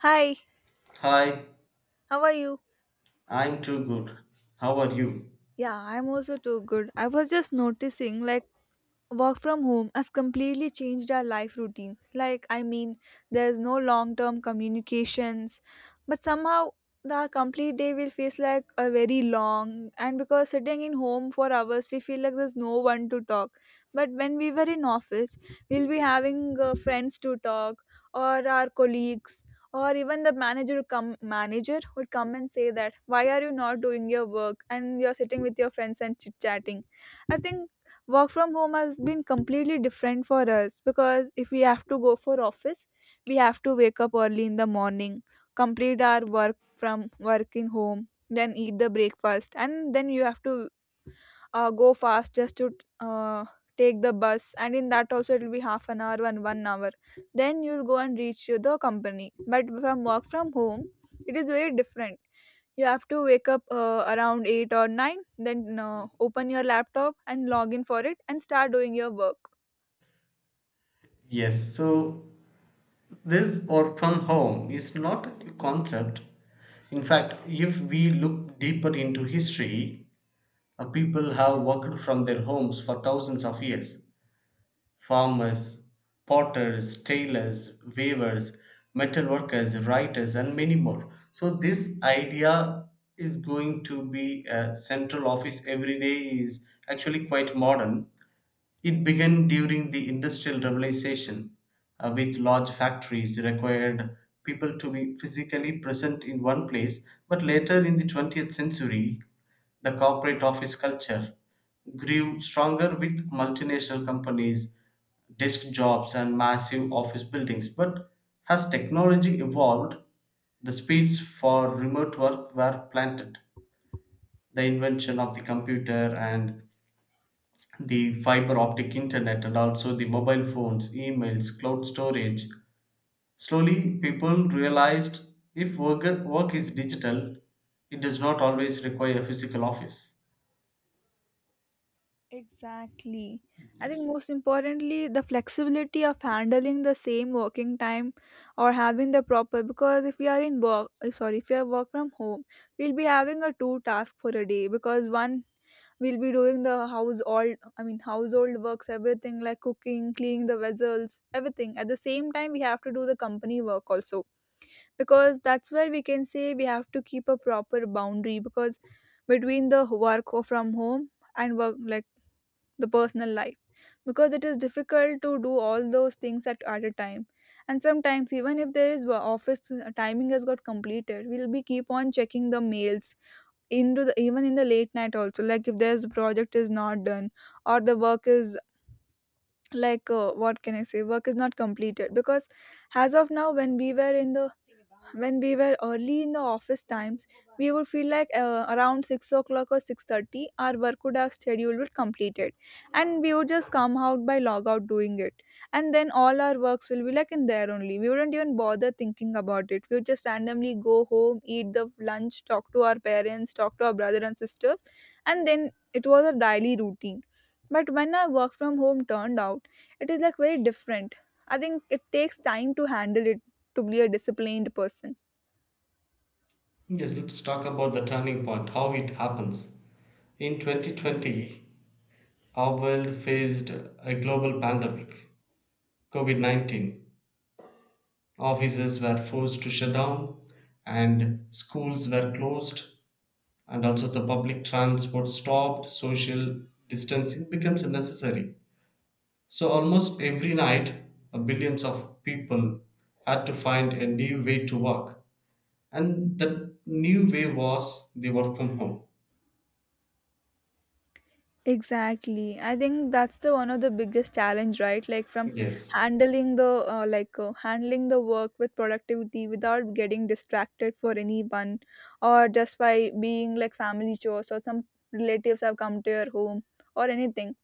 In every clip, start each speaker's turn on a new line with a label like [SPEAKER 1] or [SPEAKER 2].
[SPEAKER 1] Hi,
[SPEAKER 2] Hi,
[SPEAKER 1] how are you?
[SPEAKER 2] I'm too good. How are you?
[SPEAKER 1] Yeah, I'm also too good. I was just noticing like work from home has completely changed our life routines. Like, I mean, there's no long term communications, but somehow the our complete day will feel like a very long and because sitting in home for hours we feel like there's no one to talk, but when we were in office we'll be having friends to talk, or our colleagues, or even the manager would come and say that why are you not doing your work and you're sitting with your friends and chit chatting. I think work from home has been completely different for us because if we have to go for office we have to wake up early in the morning, complete our work from working home, then eat the breakfast and then you have to go fast just to uh, take the bus, and in that also it will be half an hour and 1 hour, then you'll go and the company. But from work from home it is very different. You have to wake up around 8 or 9, then open your laptop and log in for it and start doing your work.
[SPEAKER 2] Yes, so this or from home is not a concept. In fact, if we look deeper into history, people have worked from their homes for thousands of years. Farmers, potters, tailors, weavers, metal workers, writers, and many more. So, this idea is going to be a central office every day is actually quite modern. It began during the Industrial Revolution, with large factories required people to be physically present in one place, but later in the 20th century, the corporate office culture grew stronger with multinational companies, desk jobs, and massive office buildings. But as technology evolved, the speeds for remote work were planted. The invention of the computer and the fiber optic internet and also the mobile phones, emails, cloud storage. Slowly, people realized if work is digital, it does not always require a physical office.
[SPEAKER 1] Exactly. I think
[SPEAKER 2] Yes.
[SPEAKER 1] most importantly, the flexibility of handling the same working time or having the proper, because if we are if we are work from home, we'll be having a two task for a day, because one, we'll be doing the house all I mean household works, everything like cooking, cleaning the vessels, everything. At the same time, we have to do the company work also, because that's where we can say we have to keep a proper boundary, because between the work or from home and work, like the personal life, because it is difficult to do all those things at a time. And sometimes even if there is office timing has got completed, we'll be keep on checking the mails into the, even in the late night also, like if there's project is not done, or the work is like what can I say, work is not completed. Because as of now when we were in the when we were early in the office times, we would feel like around 6 o'clock or 6:30, our work would have schedule would completed, and we would just come out by log out doing it, and then all our works will be like in there only, we wouldn't even bother thinking about it, we would just randomly go home, eat the lunch, talk to our parents, talk to our brother and sisters, and then it was a daily routine. But when our work from home turned out, it is like very different. I think it takes time to handle it, to be a disciplined person.
[SPEAKER 2] Yes, let's talk about the turning point, how it happens. In 2020, our world faced a global pandemic, COVID 19. Offices were forced to shut down and schools were closed, and also the public transport stopped, social distancing becomes necessary. So, almost every night, billions of people had to find a new way to work, and that new way was the work from home.
[SPEAKER 1] Exactly. I think that's the one of the biggest challenge, right? Like from
[SPEAKER 2] Yes.
[SPEAKER 1] handling the handling the work with productivity without getting distracted for anyone, or just by being like family chores, or some relatives have come to your home, or anything.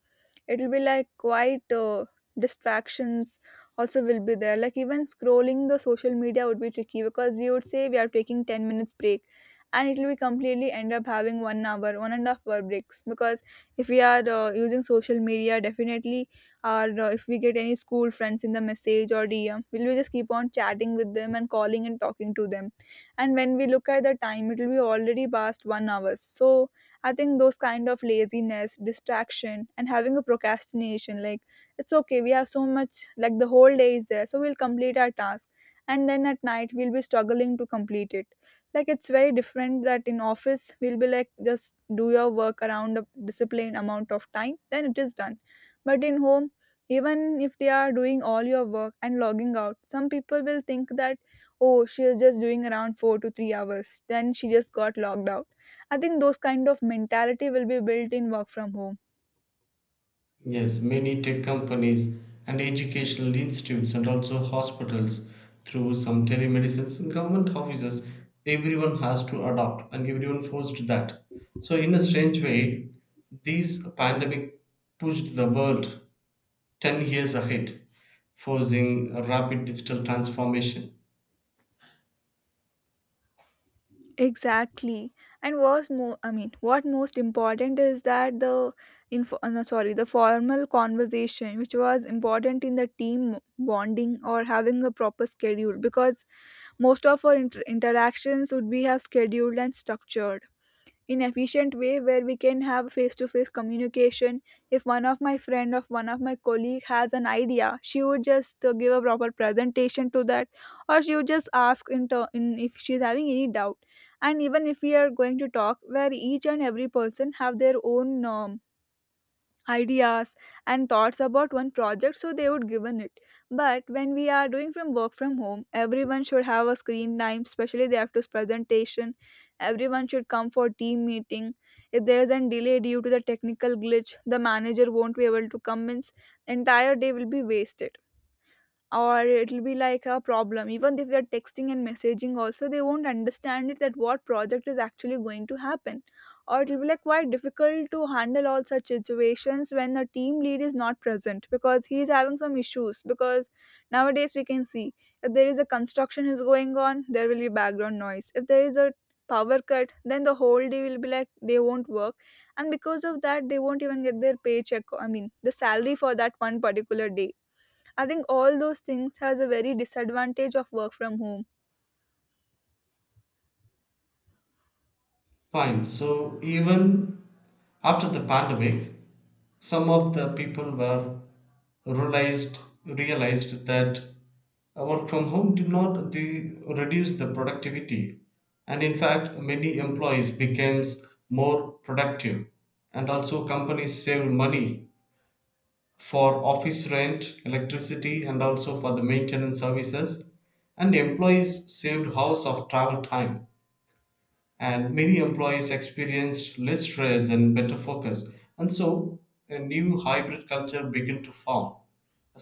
[SPEAKER 1] It'll be like quite distractions also will be there, like even scrolling the social media would be tricky, because we would say we are taking 10 minutes break, and it will be completely end up having 1 hour, 1.5 hour breaks, because if we are using social media definitely, or if we get any school friends in the message or dm, will we just keep on chatting with them and calling and talking to them, and when we look at the time it will be already past 1 hour. So I think those kind of laziness, distraction, and having a procrastination, like it's okay, we have so much, like the whole day is there, so we'll complete our task. And then at night, we'll be struggling to complete it. Like it's very different that in office, we'll be like, just do your work around a disciplined amount of time, then it is done. But in home, even if they are doing all your work and logging out, some people will think that oh she is just doing around 4 to 3 hours then she just got logged out. I think those kind of mentality will be built in work from home.
[SPEAKER 2] Yes, many tech companies and educational institutes and also hospitals through some telemedicines and government offices, everyone has to adopt and everyone forced that. So in a strange way, this pandemic pushed the world 10 years ahead, forcing a rapid digital transformation.
[SPEAKER 1] Exactly. And what's more, I mean, what most important is that the info, no, sorry, the formal conversation, which was important in the team bonding or having a proper schedule, because most of our interactions would be have scheduled and structured, in efficient way where we can have face to face communication. If one of my colleague has an idea, she would just give a proper presentation to that, or she would just ask in, ter- in if she's having any doubt. And even if we are going to talk where each and every person have their own ideas and thoughts about one project, so they would given it. But when we are doing from work from home, everyone should have a screen time, especially they have to presentation, everyone should come for team meeting. If there is a delay due to the technical glitch, the manager won't be able to convince, entire day will be wasted, or it'll be like a problem even if we are texting and messaging also, they won't understand it that what project is actually going to happen, or it'll be like quite difficult to handle all such situations when the team lead is not present because he is having some issues. Because nowadays we can see, if there is a construction is going on, there will be background noise. If there is a power cut, then the whole day will be like they won't work, and because of that they won't even get their paycheck, I mean the salary for that one particular day. I think all those things has a very disadvantage of work from home.
[SPEAKER 2] Fine. So even after the pandemic, some of the people were realized that work from home did not reduce the productivity, and in fact many employees became more productive, and also companies saved money for office rent, electricity, and also for the maintenance services, and employees saved hours of travel time, and many employees experienced less stress and better focus. And so a new hybrid culture began to form.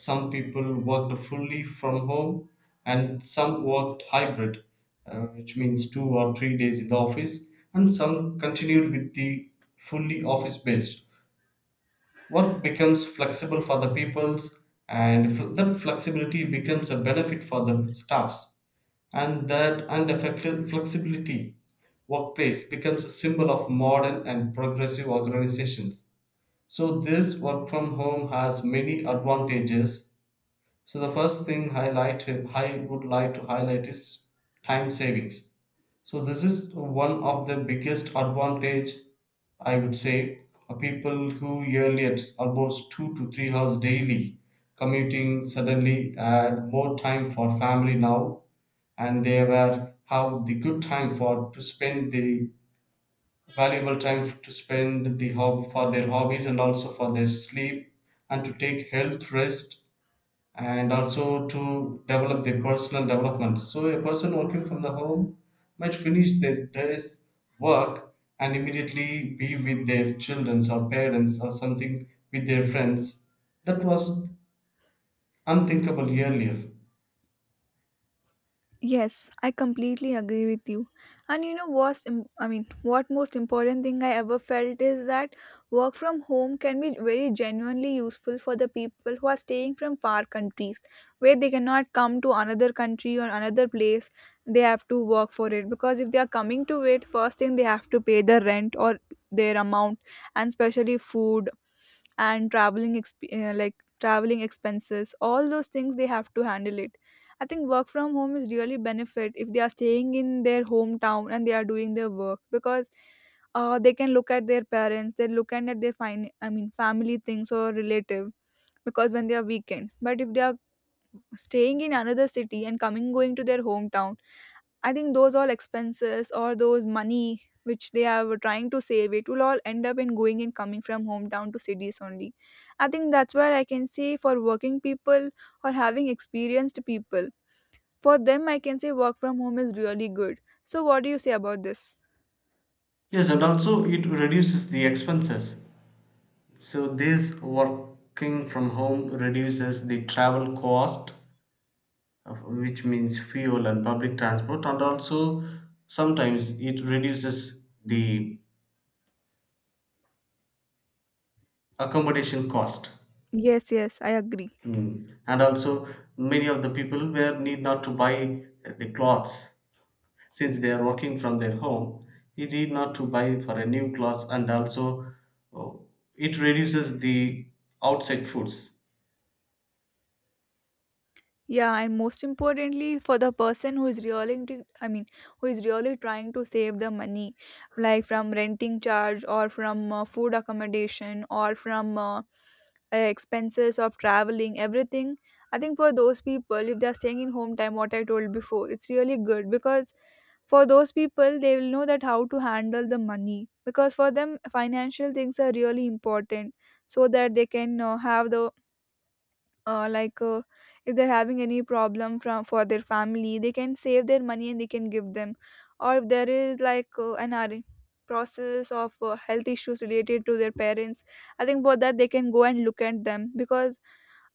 [SPEAKER 2] Some people worked fully from home, and some worked hybrid, which means 2 or 3 days in the office, and some continued with the fully office based. Work becomes flexible for the peoples, and that flexibility becomes a benefit for the staffs, and that and unaffected flexibility workplace becomes a symbol of modern and progressive organizations. So, this work from home has many advantages, so the first thing highlighted I would like to highlight is time savings. So this is one of the biggest advantage, I would say. People who earlier almost 2 to 3 hours daily commuting suddenly had more time for family now, and they were have the good time for to spend the valuable time to spend the hob for their hobbies and also for their sleep and to take health rest and also to develop their personal development. So a person working from the home might finish their day's work and immediately be with their children or parents or something with their friends. That was unthinkable earlier.
[SPEAKER 1] Yes, I completely agree with you. And you know I mean, what most important thing I ever felt is that work from home can be very genuinely useful for the people who are staying from far countries, where they cannot come to another country or another place. They have to work for it, because if they are coming to it, first thing they have to pay the rent or their amount, and especially food, and traveling expenses, all those things they have to handle it. I think work from home is really benefit if they are staying in their hometown and they are doing their work, because they can look at their parents, they looking at their I mean, family things or relative, because when they are weekends. But if they are staying in another city and coming going to their hometown, I think those all expenses or those money which they are trying to save, it will all end up in going and coming from hometown to cities only. I think that's where I can say for working people or having experienced people, for them, I can say work from home is really good. So, what do you say about this?
[SPEAKER 2] Yes, and also it reduces the expenses. So this working from home reduces the travel cost, which means fuel and public transport, and also sometimes it reduces the accommodation cost.
[SPEAKER 1] Yes, yes, I agree.
[SPEAKER 2] Mm. And also many of the people were need not to buy the clothes, since they are working from their home, you need not to buy for a new clothes, and also uh, it reduces the outside foods.
[SPEAKER 1] Yeah, and most importantly, for the person who is really, I mean, who is really trying to save the money, like from renting charge, or from food accommodation, or from expenses of traveling, everything. I think for those people, if they're staying in home time, what I told before, it's really good because for those people, they will know that how to handle the money because for them, financial things are really important so that they can have the like if they're having any problem from for their family they can save their money and they can give them, or if there is like process of health issues related to their parents. I think for that they can go and look at them because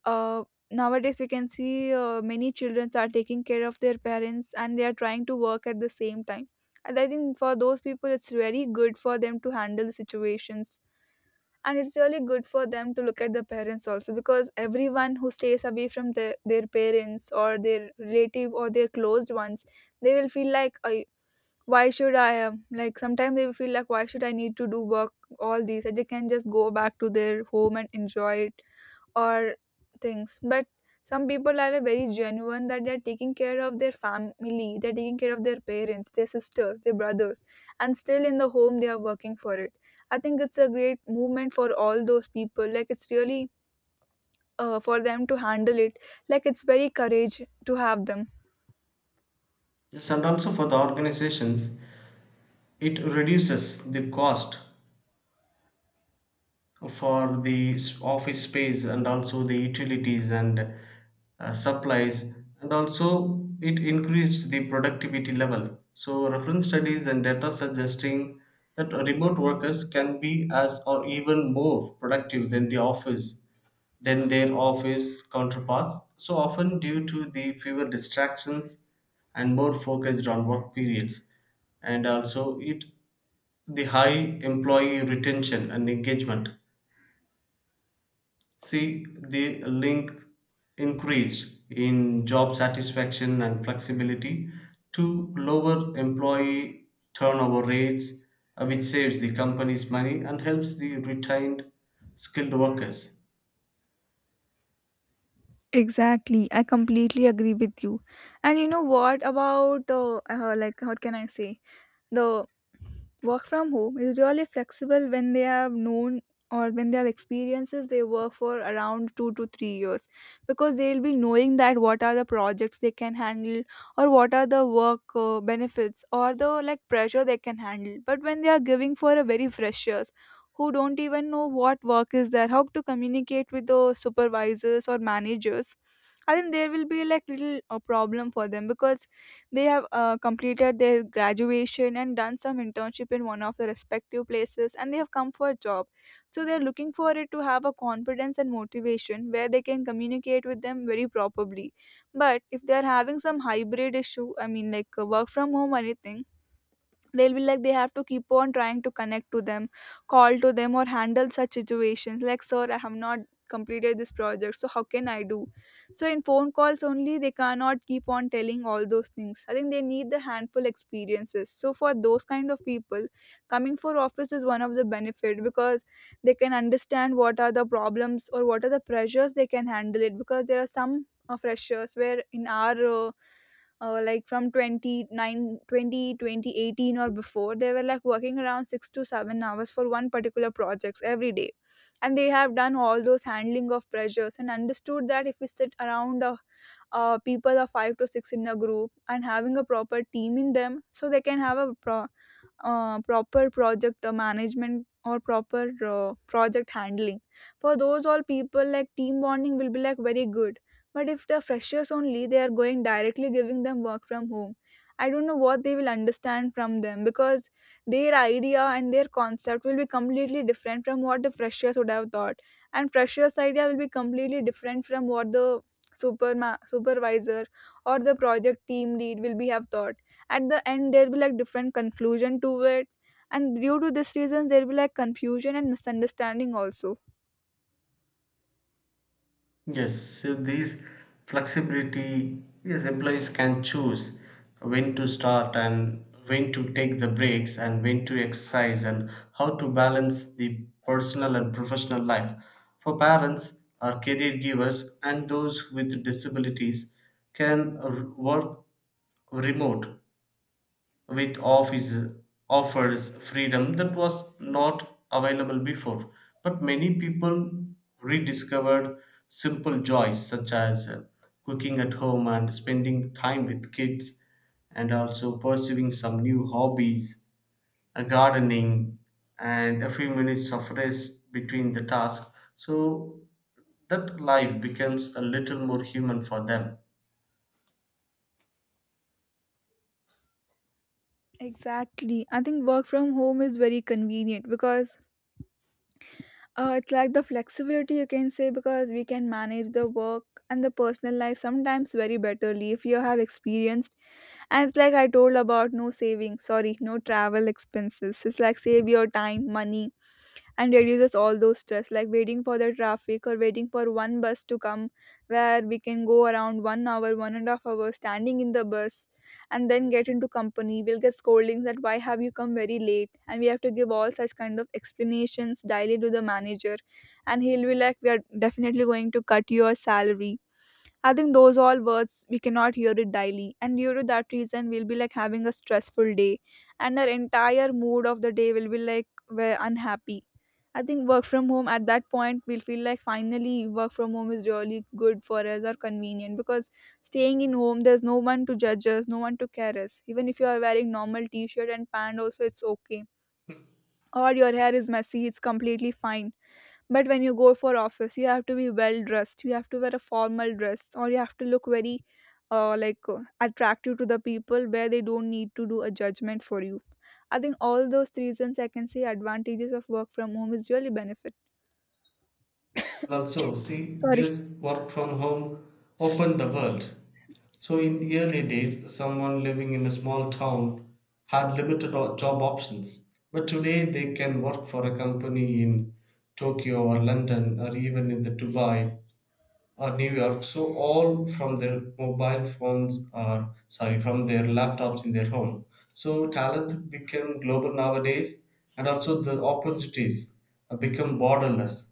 [SPEAKER 1] uh, nowadays we can see many children are taking care of their parents and they are trying to work at the same time. And I think for those people it's very good for them to handle the situations, and it's really good for them to look at the parents also because everyone who stays away from their parents or their relative or their closed ones, they will feel like I, why should I like sometimes they will feel like why should I need to do work, all these can just go back to their home and enjoy it, or things. But some people are very genuine that they're taking care of their family, they're taking care of their parents, their sisters, their brothers, and still in the home they are working for it. I think it's a great movement for all those people, like it's really for them to handle it, like it's very courage to have them.
[SPEAKER 2] Yes, and also for the organizations it reduces the cost for the office space and also the utilities and supplies, and also it increased the productivity level, so reference studies and data suggesting that remote workers can be as or even more productive than the office than their office counterparts, so often due to the fewer distractions and more focused on work periods, and also it the high employee retention and engagement. See, the link increased in job satisfaction and flexibility to lower employee turnover rates, which saves the company's money and helps the retained skilled workers.
[SPEAKER 1] Exactly, I completely agree with you. And you know what about like what can I say? The. Work from home is really flexible when they have known, or when they have experiences they work for around 2 to 3 years, because they'll be knowing that what are the projects they can handle, or what are the work benefits or the like pressure they can handle. But when they are giving for a very freshers who don't even know what work is there, how to communicate with the supervisors or managers, I think there will be like little a problem for them because they have completed their graduation and done some internship in one of the respective places and they have come for a job. So they're looking for it to have a confidence and motivation where they can communicate with them very properly. But if they're having some hybrid issue, I mean like work from home or anything, they'll be like they have to keep on trying to connect to them, call to them or handle such situations like, sir, I have not completed this project, so how can I do. So in phone calls only they cannot keep on telling all those things. I think they need the handful experiences, so for those kind of people, coming for office is one of the benefit because they can understand what are the problems or what are the pressures they can handle it, because there are some freshers where in our like from 29, 20 2018 or before, they were like working around 6 to 7 hours for one particular projects every day, and they have done all those handling of pressures and understood that if we sit around people of 5 to 6 in a group and having a proper team in them, so they can have a proper project management or proper project handling. For those all people like team bonding will be like very good, but if the freshers only, they are going directly giving them work from home. I don't know what they will understand from them because their idea and their concept will be completely different from what the freshers would have thought. And freshers' idea will be completely different from what the supervisor or the project team lead will be have thought. At the end, there will be like different conclusion to it. And due to this reason, there will be like confusion and misunderstanding also.
[SPEAKER 2] Yes, so these flexibility, yes, employees can choose when to start and when to take the breaks and when to exercise and how to balance the personal and professional life. For parents or career givers and those with disabilities can work remote with office offers freedom that was not available before. But many people rediscovered simple joys such as cooking at home and spending time with kids, and also pursuing some new hobbies, a gardening, and a few minutes of rest between the tasks. So that life becomes a little more human for them.
[SPEAKER 1] Exactly. I think work from home is very convenient because it's like the flexibility you can say, because we can manage the work and the personal life sometimes very betterly if you have experienced. And it's like I told about no savings, sorry, no travel expenses. It's like save your time, money, and reduces all those stress, like waiting for the traffic or waiting for one bus to come where we can go around 1 hour, 1.5 hour standing in the bus, and then get into company we'll get scoldings that why have you come very late, and we have to give all such kind of explanations daily to the manager, and he'll be like we are definitely going to cut your salary. I think those all words we cannot hear it daily, and due to that reason, we'll be like having a stressful day, and our entire mood of the day will be like we're unhappy. I think work from home at that point we'll feel like finally work from home is really good for us or convenient because staying in home there's no one to judge us, no one to care us. Even if you are wearing normal t-shirt and pant also it's okay. Or your hair is messy, it's completely fine, but when you go for office, you have to be well dressed. You have to wear a formal dress, or you have to look very, attractive to the people where they don't need to do a judgment for you. I think all those reasons I can say advantages of work from home is really benefit.
[SPEAKER 2] And also see
[SPEAKER 1] Sorry.
[SPEAKER 2] this work from home opened the world, so in the early days someone living in a small town had limited job options, but today they can work for a company in Tokyo or London or even in the Dubai or New York, so all from their mobile phones or sorry from their laptops in their home. So talent became global nowadays, and also the opportunities become borderless.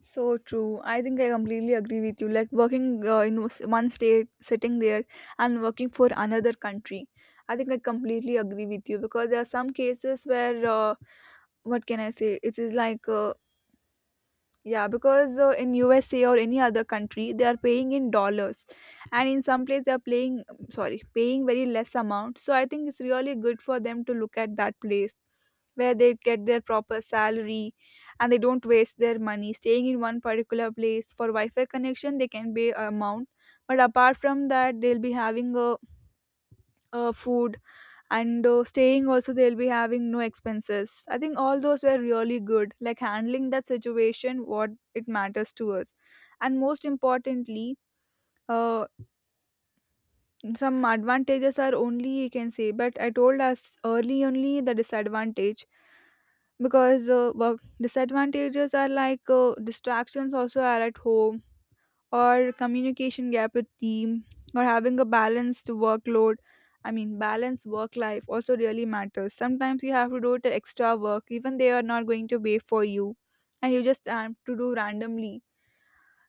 [SPEAKER 1] So true. I think I completely agree with you. Like working in one state, sitting there, and working for another country. I think I completely agree with you because there are some cases where what can I say? It is like yeah, because in USA or any other country, they are paying in dollars, and in some place they are playing, sorry, paying very less amount. So I think it's really good for them to look at that place where they get their proper salary, and they don't waste their money staying in one particular place for Wi-Fi connection. They can pay a amount, but apart from that, they'll be having a food and staying also they'll be having no expenses. I think all those were really good, like handling that situation what it matters to us. And most importantly, uh, some advantages are only you can say, but I told us early only the disadvantage, because work disadvantages are like distractions also are at home, or communication gap with team, or having a balanced workload. I mean balanced work life also really matters. Sometimes you have to do the extra work even they are not going to pay for you, and you just have to do randomly.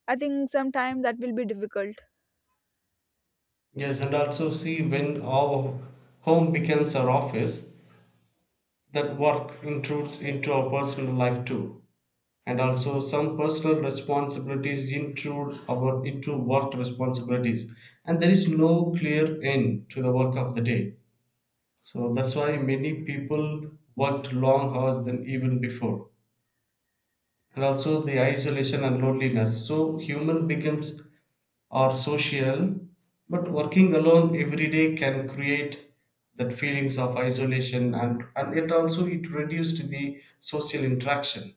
[SPEAKER 1] I think sometimes that will be difficult.
[SPEAKER 2] Yes, and also see when our home becomes our office, that work intrudes into our personal life too. And also some personal responsibilities intrude our into work responsibilities. And there is no clear end to the work of the day. So that's why many people worked long hours than even before. And also the isolation and loneliness. So human becomes or social, but working alone every day can create that feelings of isolation, and it also it reduced the social interaction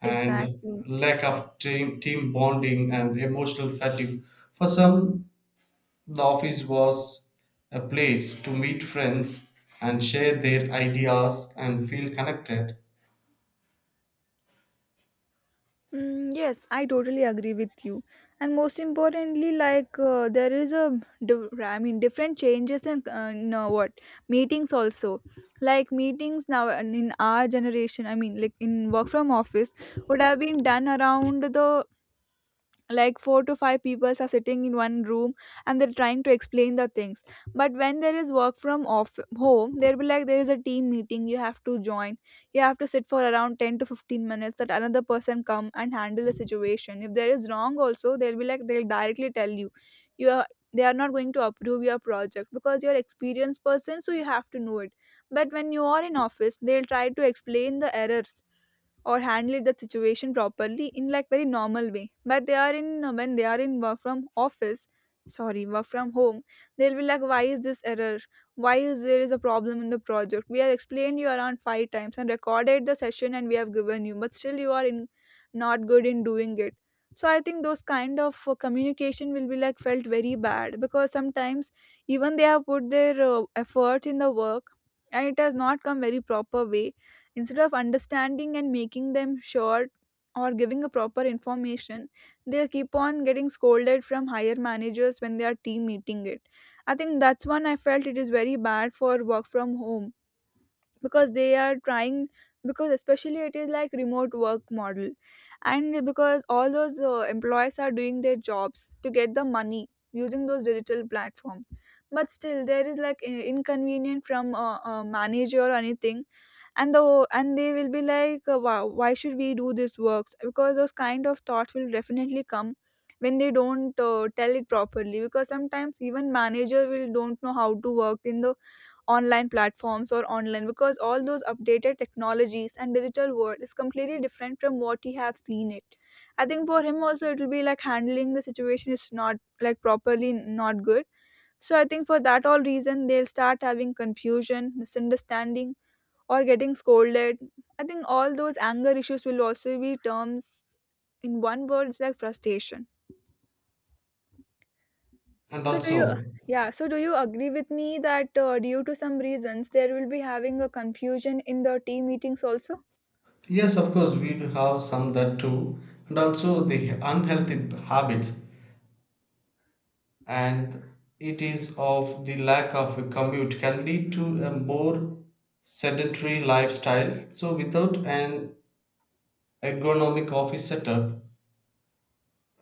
[SPEAKER 2] and
[SPEAKER 1] Exactly.
[SPEAKER 2] lack of team bonding and emotional fatigue. For some, the office was a place to meet friends and share their ideas and feel connected.
[SPEAKER 1] Mm, yes, I totally agree with you. And most importantly, like there is a I mean, different changes in, what, meetings also. Like meetings now and in our generation, I mean, like in work from office, would have been done around the, like 4 to 5 people are sitting in one room and they're trying to explain the things. But when there is work from off home, there'll be like there is a team meeting you have to join, you have to sit for around 10 to 15 minutes, that another person come and handle the situation. If there is wrong also, they'll be like they'll directly tell you, you are, they are not going to approve your project because you're experienced person so you have to know it. But when you are in office they'll try to explain the errors, or handle the situation properly in like very normal way, but they are in when they are in work from office, sorry work from home, they'll be like why is this error, why is there is a problem in the project, we have explained you around 5 times and recorded the session and we have given you, but still you are in not good in doing it. So I think those kind of communication will be like felt very bad because sometimes even they have put their effort in the work, and it has not come very proper way. Instead of understanding and making them sure, or giving a proper information, they'll keep on getting scolded from higher managers when they are team meeting it. I think that's one I felt it is very bad for work from home, because they are trying, because especially it is like remote work model, and because all those employees are doing their jobs to get the money using those digital platforms, but still there is like inconvenient from a manager or anything, and the, and they will be like wow, why should we do this works, because those kind of thoughts will definitely come when they don't tell it properly, because sometimes even manager will don't know how to work in the online platforms or online because all those updated technologies and digital world is completely different from what he have seen it. I think for him also it will be like handling the situation is not like properly not good. So I think for that all reason they'll start having confusion, misunderstanding, or getting scolded. I think all those anger issues will also be terms, in one word it's like frustration.
[SPEAKER 2] And
[SPEAKER 1] So do you,
[SPEAKER 2] also,
[SPEAKER 1] yeah, so do you agree with me that due to some reasons there will be having a confusion in the team meetings also?
[SPEAKER 2] yes, of course, we do have some that too. And also the unhealthy habits and it is of the lack of a commute can lead to a more sedentary lifestyle. So without an ergonomic office setup,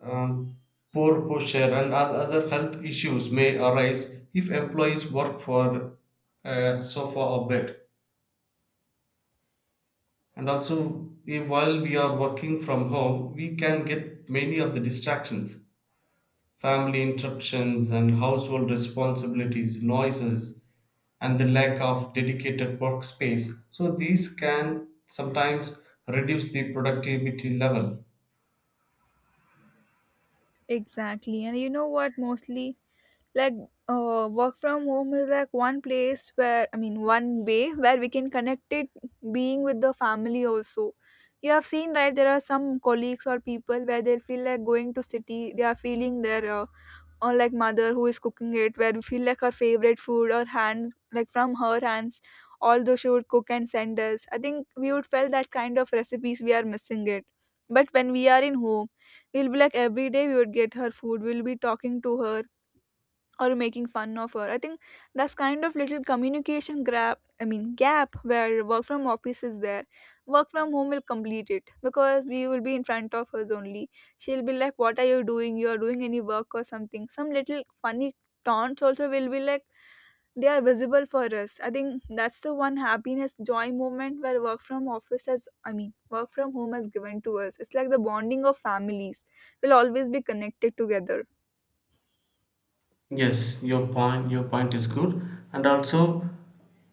[SPEAKER 2] um, poor posture and other health issues may arise if employees work for a sofa or bed. And also, if while we are working from home, we can get many of the distractions, family interruptions and household responsibilities, noises, and the lack of dedicated workspace. So these can sometimes reduce the productivity level.
[SPEAKER 1] Exactly. And you know what mostly, like work from home is like one place where I mean one way where we can connect it, being with the family also. You have seen, right? There are some colleagues or people where they feel like going to city they are feeling their unlike mother who is cooking it where we feel like our favorite food or hands like from her hands. Although she would cook and send us, I think we would felt that kind of recipes we are missing it. But when we are in home, we'll be like every day we would get her food, we'll be talking to her or making fun of her. I think that's kind of little communication gap. Gap where work from office is there. Work from home will complete it because we will be in front of us only. She'll be like, "What are you doing? You are doing any work or something?" Some little funny taunts also will be like they are visible for us. I think that's the one happiness joy moment where work from office has work from home has given to us. It's like the bonding of families will always be connected together.
[SPEAKER 2] Yes, your point is good, and also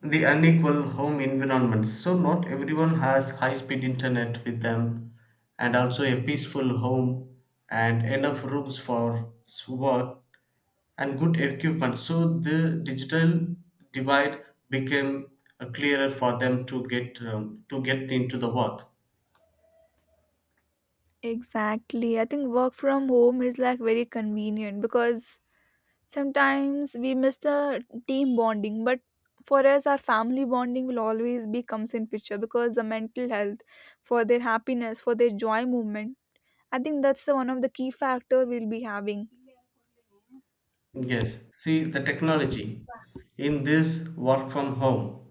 [SPEAKER 2] the unequal home environments. So not everyone has high speed internet with them and also a peaceful home and enough rooms for work and good equipment. So the digital divide became clearer for them to get into the work.
[SPEAKER 1] Exactly. I think work from home is like very convenient because sometimes we miss the team bonding, but for us, our family bonding will always be comes in picture because the mental health, for their happiness, for their joy movement. I think that's the one of the key factor we'll be having.
[SPEAKER 2] Yes, see the technology in this work from home.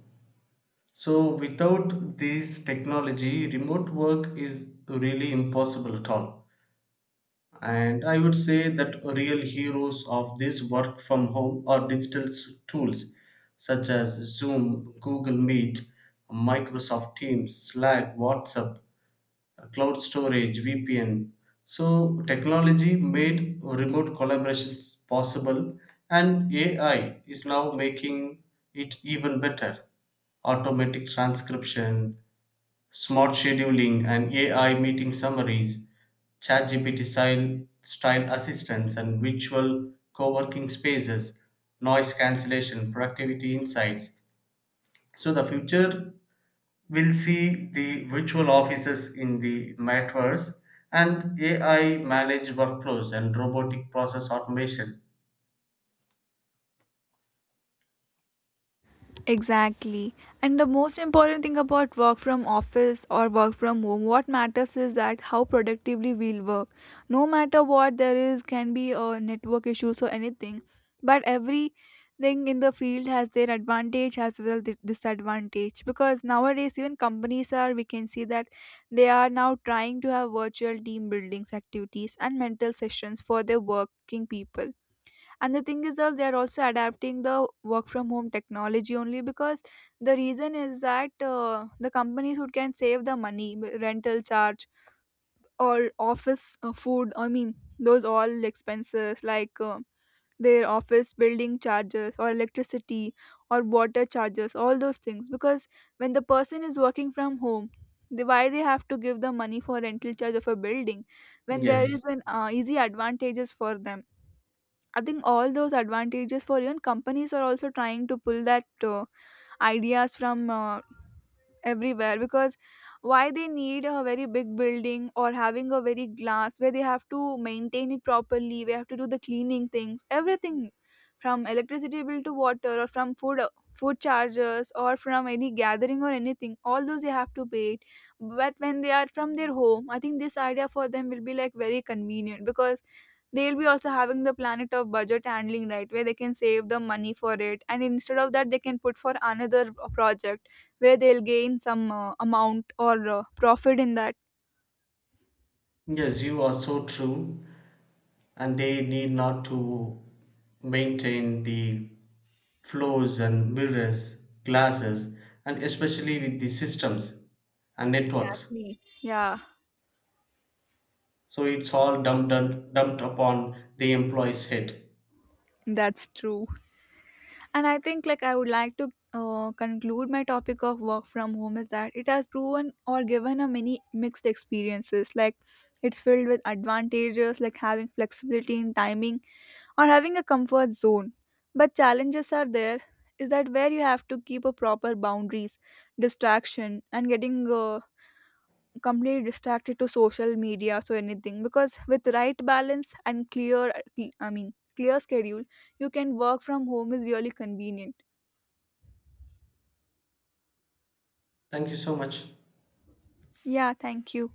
[SPEAKER 2] So, without this technology, remote work is really impossible at all. And I would say that real heroes of this work from home are digital tools such as Zoom, Google Meet, Microsoft Teams, Slack, WhatsApp, cloud storage, VPN. So technology made remote collaborations possible, and AI is now making it even better. Automatic transcription, smart scheduling and AI meeting summaries, ChatGPT style assistants and virtual co-working spaces, noise cancellation, productivity insights. So the future we'll see the virtual offices in the metaverse and AI managed workflows and robotic process automation.
[SPEAKER 1] Exactly. And the most important thing about work from office or work from home, what matters is that how productively we'll work. No matter what there is, can be network issues or anything. But everything in the field has their advantage as well the disadvantage. Because nowadays, even companies are, we can see that they are now trying to have virtual team buildings activities and mental sessions for their working people, and the thing is that they are also adapting the work from home technology only because the reason is that the companies who can save the money, rental charge or office food, I mean, those all expenses like their office building charges or electricity or water charges, all those things. Because when the person is working from home, they, why they have to give the money for rental charge of a building when there is
[SPEAKER 2] Yes,
[SPEAKER 1] an easy advantages for them. I think all those advantages, for even companies are also trying to pull that ideas from everywhere, because why they need a very big building or having a very glass where they have to maintain it properly, we have to do the cleaning things, everything, from electricity bill to water or from food charges or from any gathering or anything, all those they have to pay it. But when they are from their home, I think this idea for them will be like very convenient because they'll be also having the planet of budget handling, right, where they can save the money for it, and instead of that they can put for another project where they'll gain some amount or profit in that.
[SPEAKER 2] yes, you are so true, and they need not to maintain the floors and mirrors, glasses, and especially with the systems and networks.
[SPEAKER 1] Exactly, yeah.
[SPEAKER 2] So it's all dumped upon the employee's head.
[SPEAKER 1] That's true. And I think, like, I would like to conclude my topic of work from home is that it has proven or given a many mixed experiences. Like, it's filled with advantages like having flexibility in timing or having a comfort zone. But challenges are there, is that where you have to keep a proper boundaries, distraction and getting completely distracted to social media so anything, because with right balance and clear, clear schedule, you can work from home is really convenient.
[SPEAKER 2] Thank you so much.
[SPEAKER 1] Yeah, thank you.